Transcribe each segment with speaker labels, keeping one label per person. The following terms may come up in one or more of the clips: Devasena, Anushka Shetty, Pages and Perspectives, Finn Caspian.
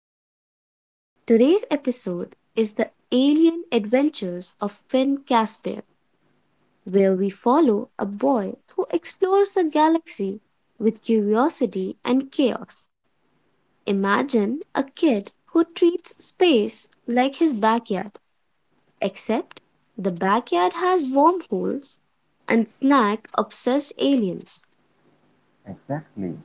Speaker 1: Perspectives. Today's episode is the alien adventures of Finn Caspian, where we follow a boy who explores the galaxy with curiosity and chaos. Imagine a kid who treats space like his backyard, except the backyard has wormholes and snack obsessed aliens.
Speaker 2: Exactly.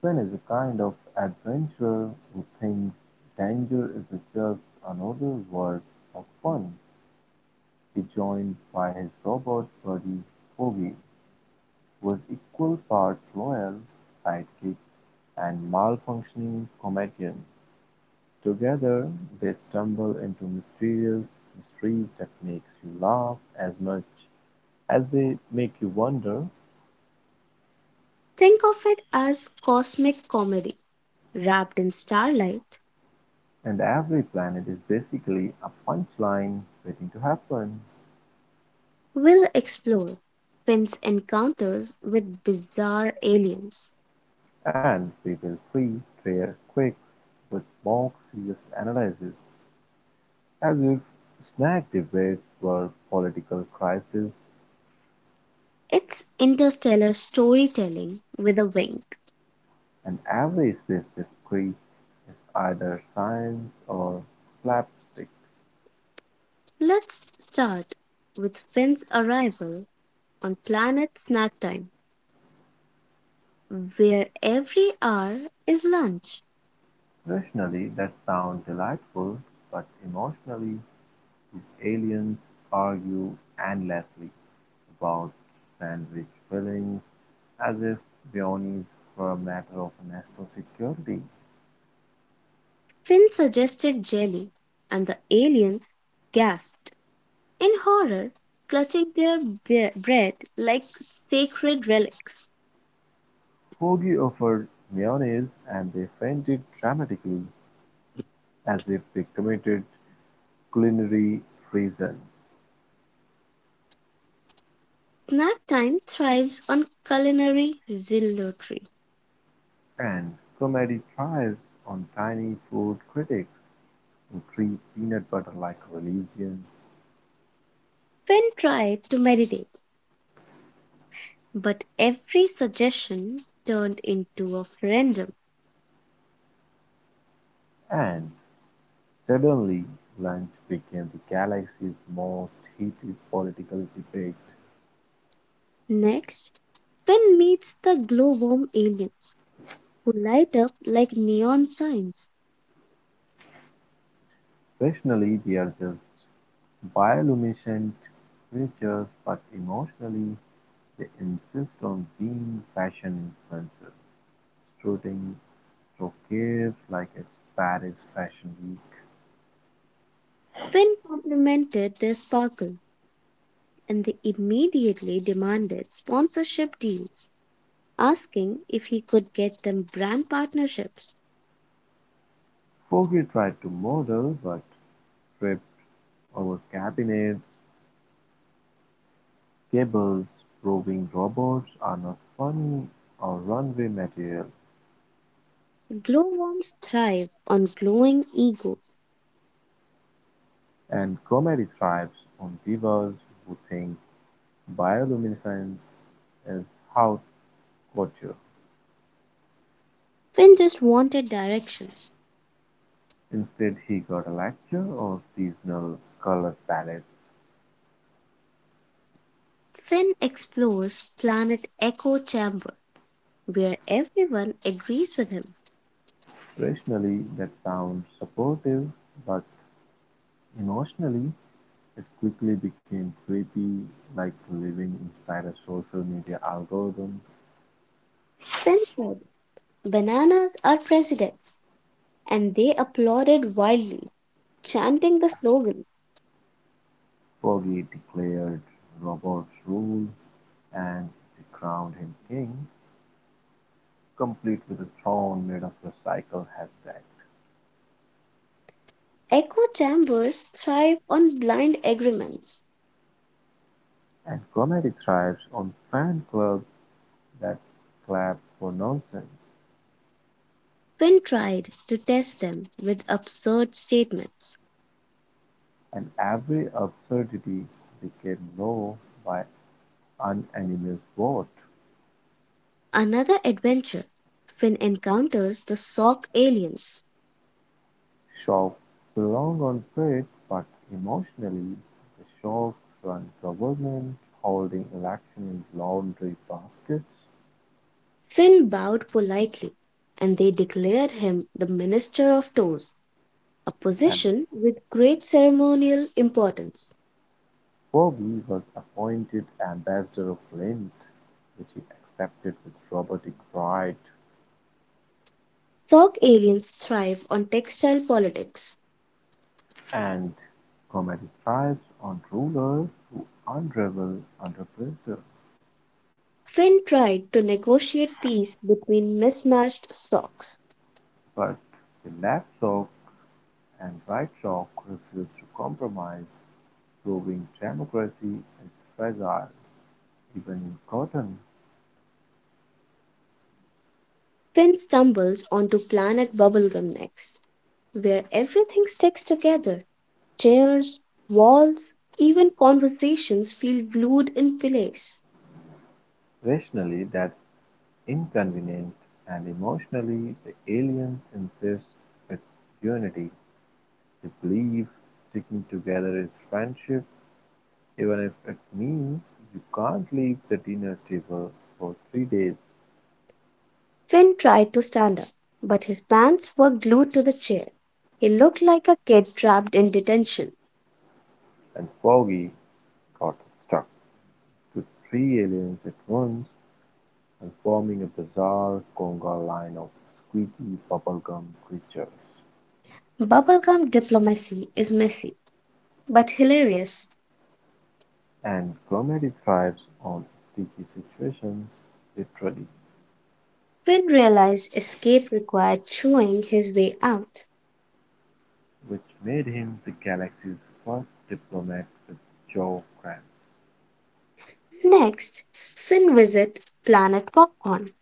Speaker 2: Finn is a kind of adventurer who thinks danger is just another word of fun. He joined by his robot buddy Foggy, who is equal parts loyal sidekick and malfunctioning comedian. Together, they stumble into mysterious mysteries that makes you laugh as much as they make you wonder.
Speaker 1: Think of it as cosmic comedy wrapped in starlight.
Speaker 2: And every planet is basically a punchline waiting to happen.
Speaker 1: We'll explore Finn's encounters with bizarre aliens.
Speaker 2: And we will treat their quirks with more serious analysis, as if snack debates were political crises,
Speaker 1: It's interstellar storytelling with a wink.
Speaker 2: and every specific creed is either science or slapstick.
Speaker 1: Let's start with Finn's arrival on planet Snack Time, where every hour is lunch.
Speaker 2: Rationally, that sounds delightful, but emotionally, these aliens argue endlessly about sandwich fillings as if mayonnaise were a matter of national security.
Speaker 1: Finn suggested jelly, and the aliens gasped in horror, clutching their bread like sacred relics.
Speaker 2: Forgy offered mayonnaise and they fainted dramatically, as if they committed culinary treason,
Speaker 1: Snack Time thrives on culinary zealotry.
Speaker 2: and comedy thrived on tiny food critics who treat peanut butter like a religion,
Speaker 1: Finn tried to meditate, but every suggestion turned into a referendum.
Speaker 2: and suddenly lunch became the galaxy's most heated political debate.
Speaker 1: Next, Finn meets the glowworm aliens, who light up like neon signs.
Speaker 2: Rationally, they are just bioluminescent creatures, but emotionally, they insist on being fashion influencers. Strutting through Kiev like it's Paris Fashion Week,
Speaker 1: Finn complimented their sparkle, and they immediately demanded sponsorship deals, asking if he could get them brand partnerships.
Speaker 2: Foggy tried to model but tripped over cabinets, cables, proving robots are not funny or runway material,
Speaker 1: Glowworms thrive on glowing ego.
Speaker 2: and comedy thrives on divas who think bioluminescence is haute couture.
Speaker 1: Finn just wanted directions.
Speaker 2: Instead, he got a lecture on seasonal color palettes.
Speaker 1: Finn explores planet Echo Chamber where everyone agrees with him.
Speaker 2: Rationally, that sounds supportive, but emotionally, it quickly became creepy, like living inside a social media algorithm.
Speaker 1: Finn said, bananas are presidents, and they applauded wildly, chanting the slogan.
Speaker 2: Foggy declared Robert's rule, and they crowned him king, complete with a throne made of recycled hashtag.
Speaker 1: Echo chambers thrive on blind agreements.
Speaker 2: And comedy thrives on fan clubs that clap for nonsense,
Speaker 1: Finn tried to test them with absurd statements.
Speaker 2: and every absurdity became law by unanimous vote.
Speaker 1: Another adventure. Finn encounters the Sock aliens.
Speaker 2: Shock belong on trade, but emotionally the Shock run government, holding election in laundry baskets,
Speaker 1: Finn bowed politely, and they declared him the Minister of Toes, a
Speaker 2: and
Speaker 1: position with great ceremonial importance.
Speaker 2: Ferbey was appointed ambassador of Lint, which he accepted with robotic pride,
Speaker 1: Sok aliens thrive on textile politics.
Speaker 2: and comedy thrives on rulers who unravel under pressure,
Speaker 1: Finn tried to negotiate peace between mismatched socks.
Speaker 2: but the left shock and right shock refuse to compromise, proving democracy is fragile. Even in Cotton,
Speaker 1: Finn stumbles onto planet Bubblegum next, where everything sticks together. Chairs, walls, even conversations feel glued in place.
Speaker 2: rationally that's inconvenient, and emotionally the aliens insist it's unity. They believe sticking together is friendship, even if it means you can't leave the dinner table for 3 days.
Speaker 1: Finn tried to stand up, but his pants were glued to the chair. He looked like a kid trapped in detention.
Speaker 2: And Foggy got stuck to three aliens at once and forming a bizarre conga line of squeaky bubblegum creatures.
Speaker 1: Bubblegum diplomacy is messy, but hilarious.
Speaker 2: And comedy thrives on sticky situations, literally,
Speaker 1: Finn realized escape required chewing his way out.
Speaker 2: which made him the galaxy's first diplomat with jaw cramps.
Speaker 1: Next, Finn visit Planet Popcorn,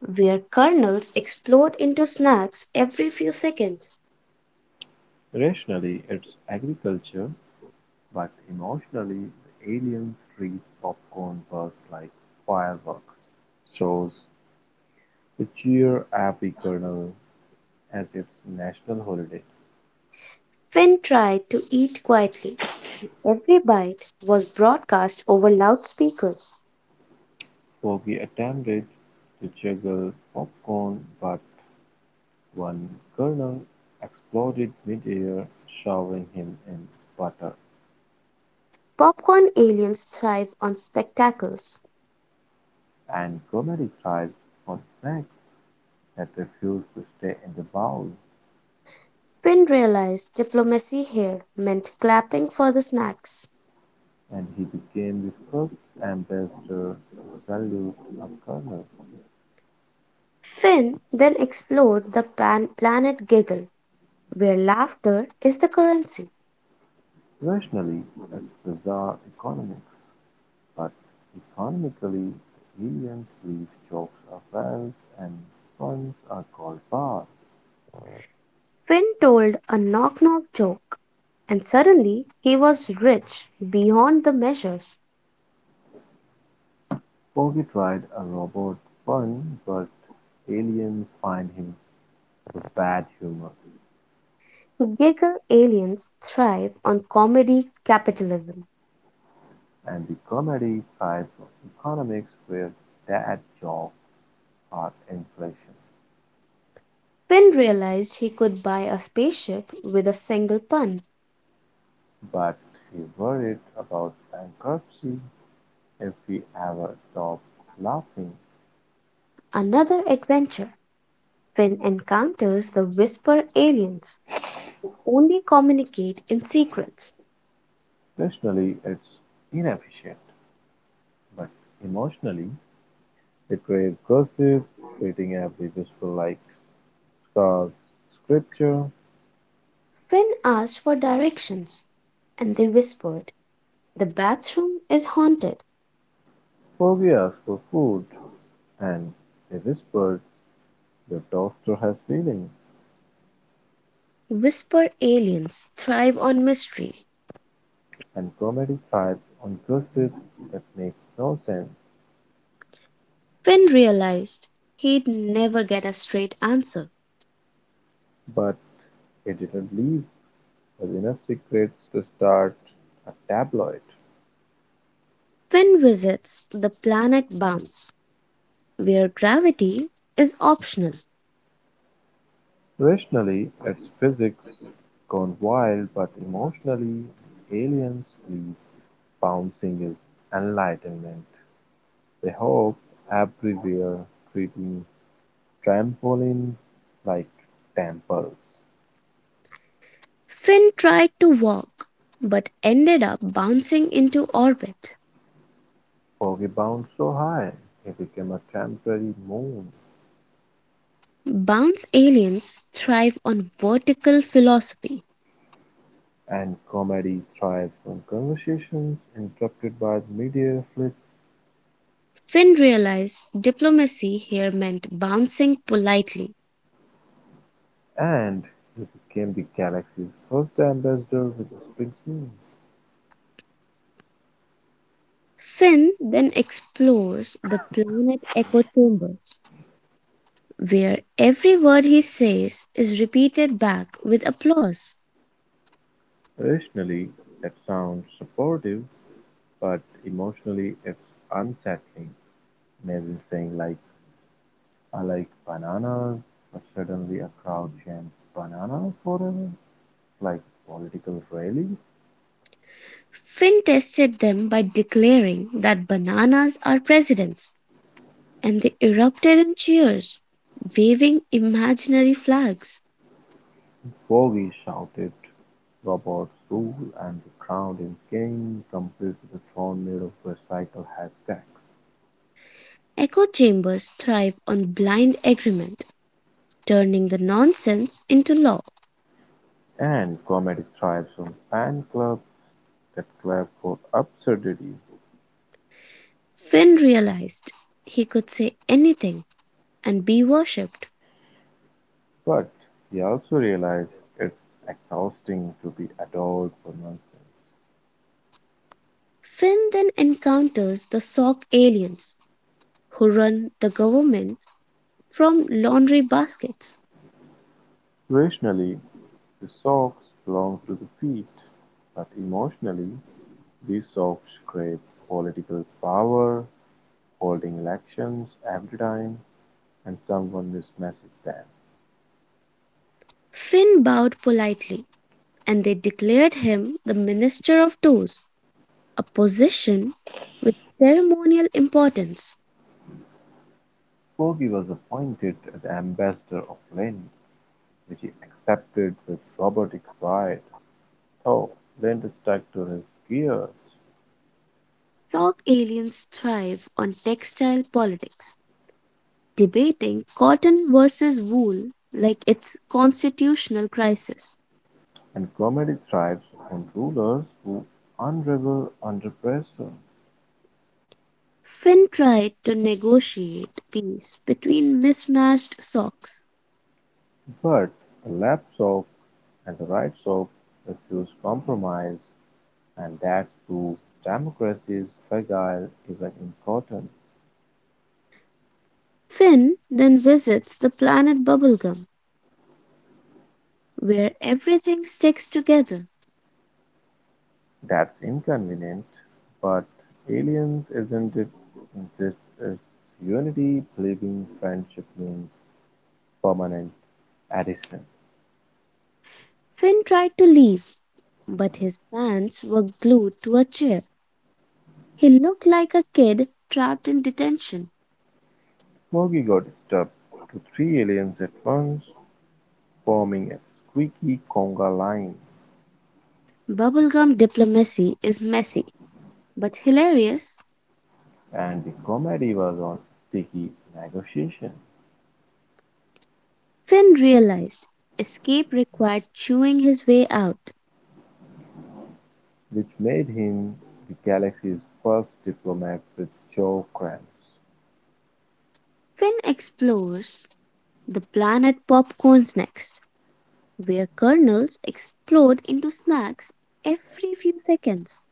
Speaker 1: where kernels explode into snacks every few seconds.
Speaker 2: Rationally, it's agriculture, but emotionally, the aliens treat popcorn bursts like fireworks, shows the cheer every kernel as its national holiday.
Speaker 1: Finn tried to eat quietly. Every bite was broadcast over loudspeakers.
Speaker 2: Foggy attempted to juggle popcorn, but one kernel exploded mid-air, showering him in butter,
Speaker 1: Popcorn aliens thrive on spectacles.
Speaker 2: and Gomez dived for snacks that refused to stay in the bowl,
Speaker 1: Finn realized diplomacy here meant clapping for the snacks.
Speaker 2: and he became the first ambassador to salute a colonel.
Speaker 1: Finn then explored the planet Giggle, where laughter is the currency.
Speaker 2: Rationally, it's bizarre economics, but economically, the aliens leave jokes are wells and puns are called bars.
Speaker 1: Finn told a knock knock joke, and suddenly he was rich beyond the measures.
Speaker 2: Foggy tried a robot pun, but aliens find him the bad humor,
Speaker 1: Giggle aliens thrive on comedy capitalism.
Speaker 2: and the comedy sides of economics were dad jokes or inflation.
Speaker 1: Finn realized he could buy a spaceship with a single pun.
Speaker 2: But he worried about bankruptcy if we ever stop laughing.
Speaker 1: Another adventure. Finn encounters the whisper aliens, who only communicate in secrets.
Speaker 2: Rationally, it's inefficient, but emotionally, it creates gossip, treating every whisper like scars, scripture.
Speaker 1: Finn asked for directions, and they whispered, the bathroom is haunted.
Speaker 2: Forgive us for food, and they whispered, Your toaster has feelings.
Speaker 1: Whisper aliens thrive on mystery.
Speaker 2: And comedy thrives on gossip that makes no sense,
Speaker 1: Finn realized he'd never get a straight answer.
Speaker 2: but it didn't leave us enough secrets to start a tabloid.
Speaker 1: Finn visits the planet Bounce, where gravity is optional.
Speaker 2: Rationally, it's physics gone wild, but emotionally, aliens believe bouncing is enlightenment. They hope everywhere, treating trampolines like temples.
Speaker 1: Finn tried to walk, but ended up bouncing into orbit.
Speaker 2: Foggy bounced so high, he became a temporary moon.
Speaker 1: Bounce aliens thrive on vertical philosophy.
Speaker 2: And comedy thrived on conversations interrupted by the media flitz,
Speaker 1: Finn realized diplomacy here meant bouncing politely.
Speaker 2: and he became the Galaxy's first ambassador with Springsteen.
Speaker 1: Finn then explores the planet echo chambers, where every word he says is repeated back with applause.
Speaker 2: Rationally, that sounds supportive, but emotionally, it's unsettling. Imagine saying, like, I like bananas, but suddenly a crowd chants bananas forever, like a political rally.
Speaker 1: Finn tested them by declaring that bananas are presidents, and they erupted in cheers, waving imaginary flags.
Speaker 2: "Froggy!" shouted Robert's rule, and the crowd became complete with a tornado of recycled hashtags.
Speaker 1: Echo chambers thrive on blind agreement, turning the nonsense into law.
Speaker 2: And comedy thrives on fan clubs that clap for absurdity,
Speaker 1: Finn realized he could say anything and be worshipped.
Speaker 2: but he also realized it's exhausting to be adored for nonsense.
Speaker 1: Finn then encounters the Sock aliens, who run the government from laundry baskets.
Speaker 2: Rationally, the socks belong to the feet, but emotionally, these socks crave political power, holding elections every time and someone mismessaged them.
Speaker 1: Finn bowed politely, and they declared him the Minister of Toes, a position with ceremonial importance.
Speaker 2: Corgi was appointed as ambassador of Lind, which he accepted with robotic pride. Though Lind stuck to his gears,
Speaker 1: Sock aliens thrive on textile politics, debating cotton versus wool like it's constitutional crisis.
Speaker 2: and comedy thrives on rulers who unravel under pressure.
Speaker 1: Finn tried to negotiate peace between mismatched socks.
Speaker 2: But the left soap and the right soap refuse compromise, and that proves democracy is fragile, even important.
Speaker 1: Finn then visits the planet Bubblegum, where everything sticks together.
Speaker 2: That's inconvenient, but aliens isn't it? This is unity, believing friendship means permanent addition.
Speaker 1: Finn tried to leave, but his pants were glued to a chair. He looked like a kid trapped in detention.
Speaker 2: Smokey got disturbed to three aliens at once, forming a squeaky conga line,
Speaker 1: Bubblegum diplomacy is messy, but hilarious.
Speaker 2: and the comedy was on sticky negotiation,
Speaker 1: Finn realized escape required chewing his way out.
Speaker 2: which made him the galaxy's first diplomat with jaw cramps.
Speaker 1: Finn explores the planet Popcorns next, where kernels explode into snacks every few seconds.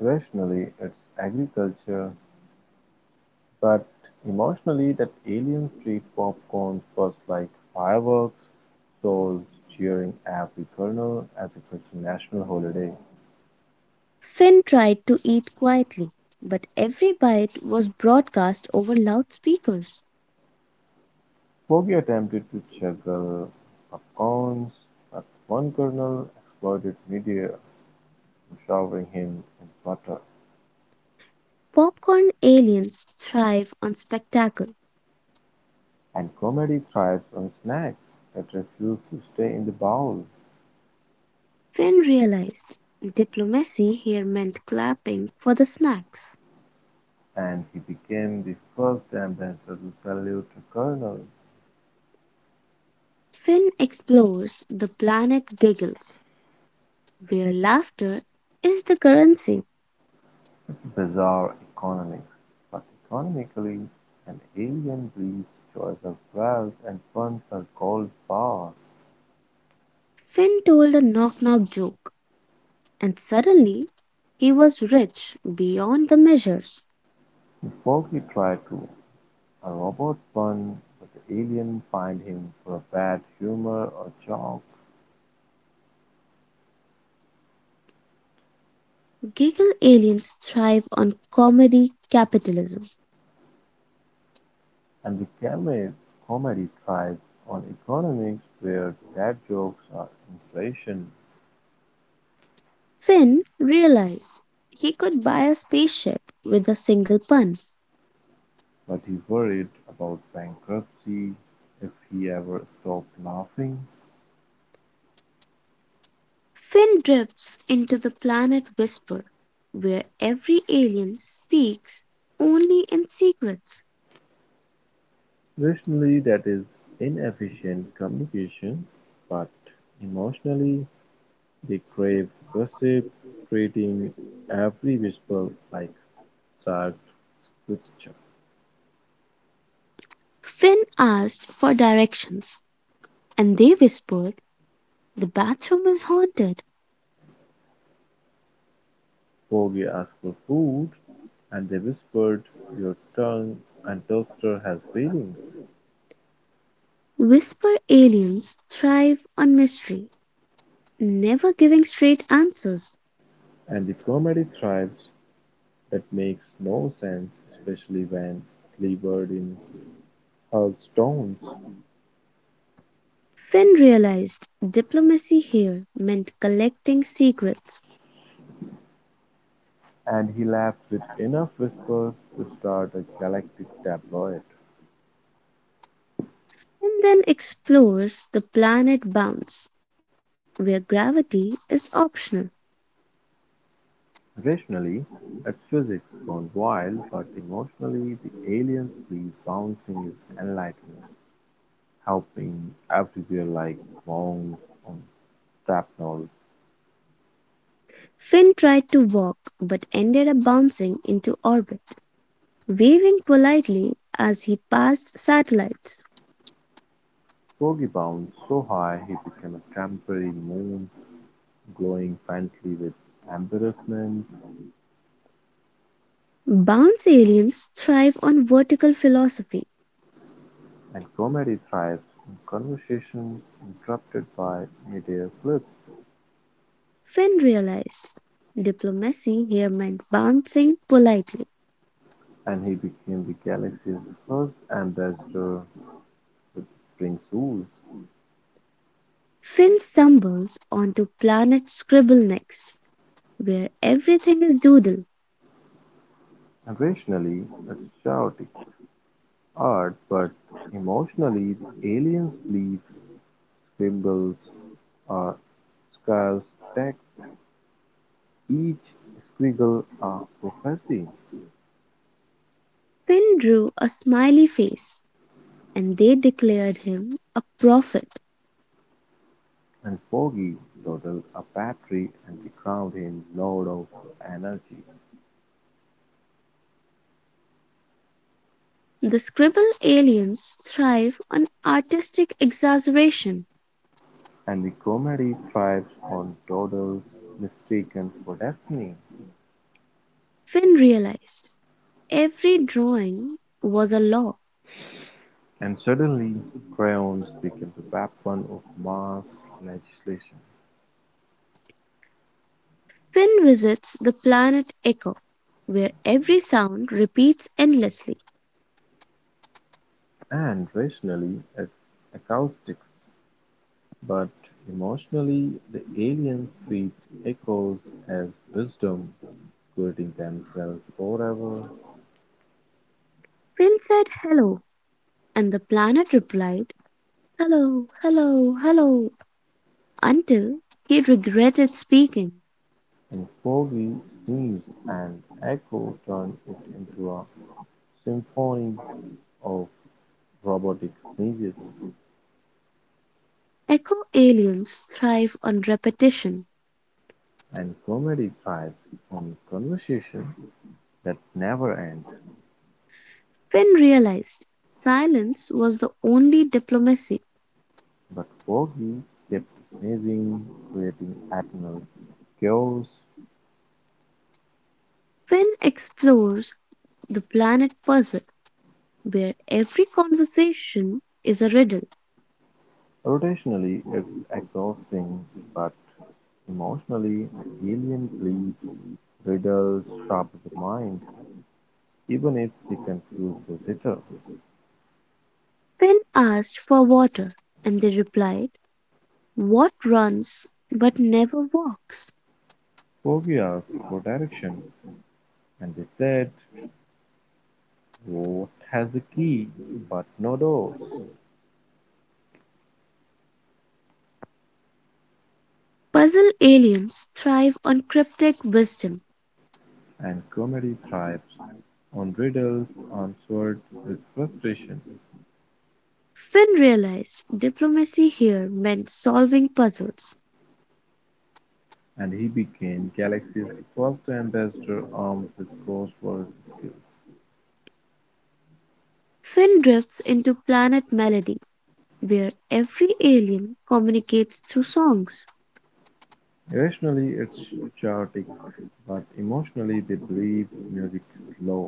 Speaker 2: Rationally, it's agriculture, but emotionally, that alien street popcorn was like fireworks, souls cheering every corner as if it's a national holiday.
Speaker 1: Finn tried to eat quietly, but every bite was broadcast over loudspeakers.
Speaker 2: Bogey attempted to juggle popcorns, but one colonel exploded midair, showering him in butter.
Speaker 1: Popcorn aliens thrive on spectacle.
Speaker 2: And comedy thrives on snacks that refuse to stay in the bowl,
Speaker 1: Finn realized diplomacy here meant clapping for the snacks.
Speaker 2: and he became the first ambassador to salute a colonel.
Speaker 1: Finn explores the planet Giggles, where laughter is the currency.
Speaker 2: Bizarre economics, but economically, an alien breed's choice of wealth and puns are called bars.
Speaker 1: Finn told a knock knock joke, and suddenly he was rich beyond the measures.
Speaker 2: Power. Forky tried to. A robot pun, but the alien fined him for a bad humor or joke,
Speaker 1: Giggle aliens thrive on comedy capitalism.
Speaker 2: and the camel comedy tries on economics where dad jokes are inflation,
Speaker 1: Finn realized he could buy a spaceship with a single pun.
Speaker 2: but he worried about bankruptcy if he ever stopped laughing.
Speaker 1: Finn drifts into the planet Whisper, where every alien speaks only in secrets.
Speaker 2: Rationally that is inefficient communication, but emotionally they crave gossip, treating every whisper like sacred scripture.
Speaker 1: Finn asked for directions, and they whispered, the bathroom is haunted.
Speaker 2: Bogey asked for food, and they whispered, Your tongue and toaster has feelings.
Speaker 1: Whisper aliens thrive on mystery, never giving straight answers.
Speaker 2: And the comedy thrives that makes no sense, especially when delivered in hurled stones.
Speaker 1: Finn realized diplomacy here meant collecting secrets.
Speaker 2: And he laughed with enough whisper to start a galactic tabloid.
Speaker 1: Finn then explores the planet Bounce, where gravity is optional.
Speaker 2: Rationally, it's physics gone wild, but emotionally, the alien's breeze bouncing is enlightenment, helping everywhere like mounds on shrapnel.
Speaker 1: Finn tried to walk but ended up bouncing into orbit, waving politely as he passed satellites.
Speaker 2: Sogi bounced so high he became a temporary moon, glowing faintly with embarrassment,
Speaker 1: Bounce aliens thrive on vertical philosophy.
Speaker 2: and comedy thrives in conversations interrupted by midair flips.
Speaker 1: Finn realized diplomacy here meant bouncing politely.
Speaker 2: And he became the galaxy's first ambassador with string shoes.
Speaker 1: Finn stumbles onto planet Scribble next, where everything is doodle.
Speaker 2: And rationally, it's chaotic art, but emotionally, the aliens believe scribbles are scars text. Each squiggle a prophecy,
Speaker 1: Finn drew a smiley face and they declared him a prophet.
Speaker 2: and Foggy totaled a battery and they crowned him Lord of Energy.
Speaker 1: The scribble aliens thrive on artistic exaggeration.
Speaker 2: And the comedy thrives on Doddle's mistaken for destiny.
Speaker 1: Finn realized every drawing was a law.
Speaker 2: And suddenly crayons became the weapon of mass legislation,
Speaker 1: Finn visits the planet Echo, where every sound repeats endlessly.
Speaker 2: and rationally its acoustics, but emotionally the alien street echoes as wisdom, quitting themselves forever.
Speaker 1: Finn said hello, and the planet replied hello, hello, hello, until he regretted speaking.
Speaker 2: And Foggy sneezed, and Echo turned it into a symphony of robotic sneezes,
Speaker 1: Echo aliens thrive on repetition.
Speaker 2: and comedy thrives on conversation that never end.
Speaker 1: Finn realized silence was the only diplomacy.
Speaker 2: But Forgy kept sneezing, creating eternal chaos.
Speaker 1: Finn explores the planet puzzle, where every conversation is a riddle.
Speaker 2: Rotationally it's exhausting, but emotionally the alien bleeds riddles sharp to the mind, even if they confuse the confused visitor.
Speaker 1: Finn asked for water, and they replied, what runs but never walks?
Speaker 2: Forgy asked for direction, and they said, What has a key but no doors?
Speaker 1: Puzzle aliens thrive on cryptic wisdom.
Speaker 2: And comedy thrives on riddles answered with frustration.
Speaker 1: Finn realized diplomacy here meant solving puzzles.
Speaker 2: And he became Galaxy's first ambassador armed with crossword skills.
Speaker 1: Finn drifts into Planet Melody, where every alien communicates through songs.
Speaker 2: Irrationally, it's chaotic, but emotionally, they believe music's law.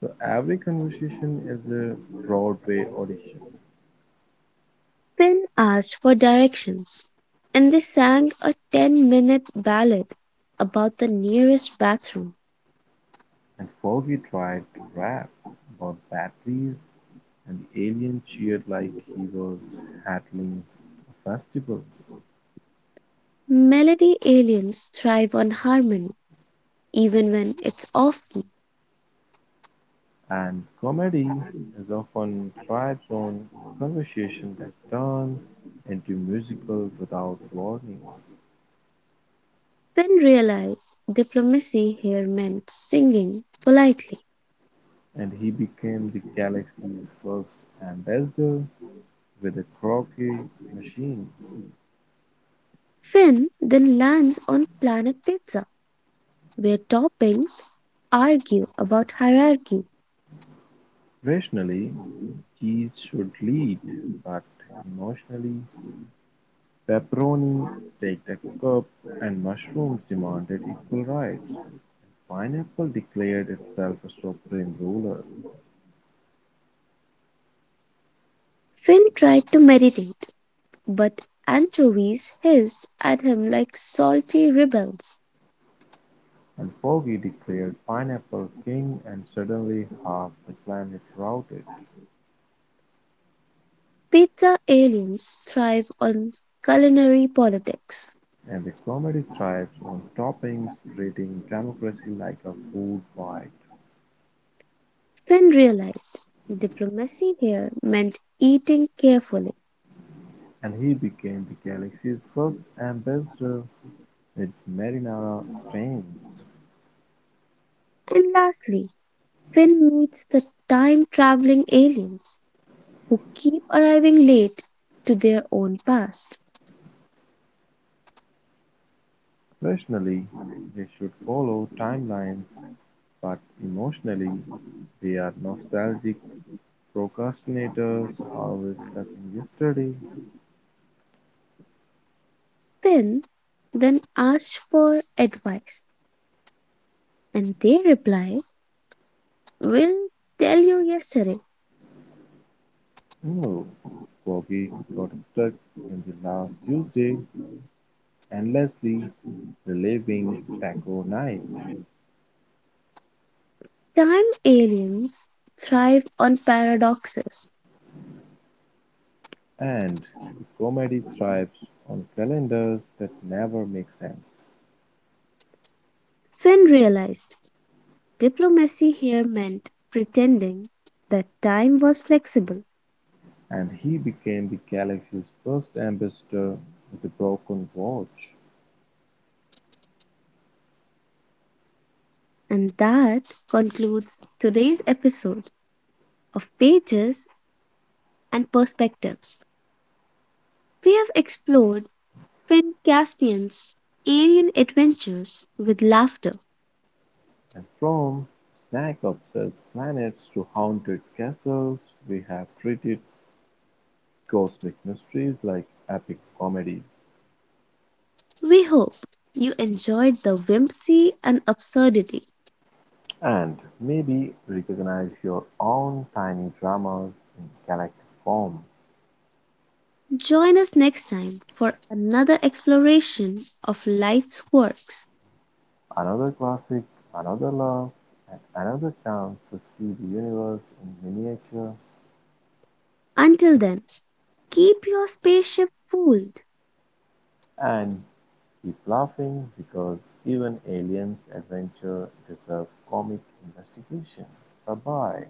Speaker 2: So every conversation is a Broadway audition.
Speaker 1: Finn asked for directions, and they sang a 10-minute ballad about the nearest bathroom.
Speaker 2: And Foggy tried to rap about batteries, and the alien cheered like he was handling a festival.
Speaker 1: Melody aliens thrive on harmony, even when it's off key.
Speaker 2: And comedy is often tried-on conversation that turned into musicals without warning,
Speaker 1: Finn realized diplomacy here meant singing politely.
Speaker 2: and he became the galaxy's first ambassador with a croquet machine.
Speaker 1: Finn then lands on Planet Pizza, where toppings argue about hierarchy.
Speaker 2: Rationally, cheese should lead, but emotionally, pepperoni staked a cup and mushrooms demanded equal rights. Pineapple declared itself a supreme ruler.
Speaker 1: Finn tried to meditate, but anchovies hissed at him like salty rebels.
Speaker 2: And Foggy declared Pineapple king and suddenly half the planet routed.
Speaker 1: Pizza aliens thrive on culinary politics.
Speaker 2: And the comedy thrives on toppings, treating democracy like a food fight.
Speaker 1: Finn realized diplomacy here meant eating carefully.
Speaker 2: And he became the galaxy's first ambassador with marinara strains.
Speaker 1: And lastly, Finn meets the time traveling aliens who keep arriving late to their own past.
Speaker 2: Rationally, they should follow timelines, but emotionally, they are nostalgic procrastinators always stuck in yesterday.
Speaker 1: Finn then asks for advice, and they reply, we'll tell you yesterday.
Speaker 2: No, Bobby got stuck in the last Tuesday endlessly reliving Taco Night,
Speaker 1: Time aliens thrive on paradoxes.
Speaker 2: and the comedy thrives on calendars that never make sense.
Speaker 1: Finn realized diplomacy here meant pretending that time was flexible.
Speaker 2: And he became the galaxy's first ambassador with a broken watch.
Speaker 1: And that concludes today's episode of Pages and Perspectives. We have explored Finn Caspian's alien adventures with laughter.
Speaker 2: And from snack-obsessed planets to haunted castles, we have treated cosmic mysteries like epic comedies.
Speaker 1: We hope you enjoyed the whimsy and absurdity.
Speaker 2: And maybe recognize your own tiny dramas in galactic form.
Speaker 1: Join us next time for another exploration of life's quirks.
Speaker 2: Another classic, another love, and another chance to see the universe in miniature,
Speaker 1: Until then, keep your spaceship full.
Speaker 2: and keep laughing because even aliens' adventure deserve comic investigation. Bye bye.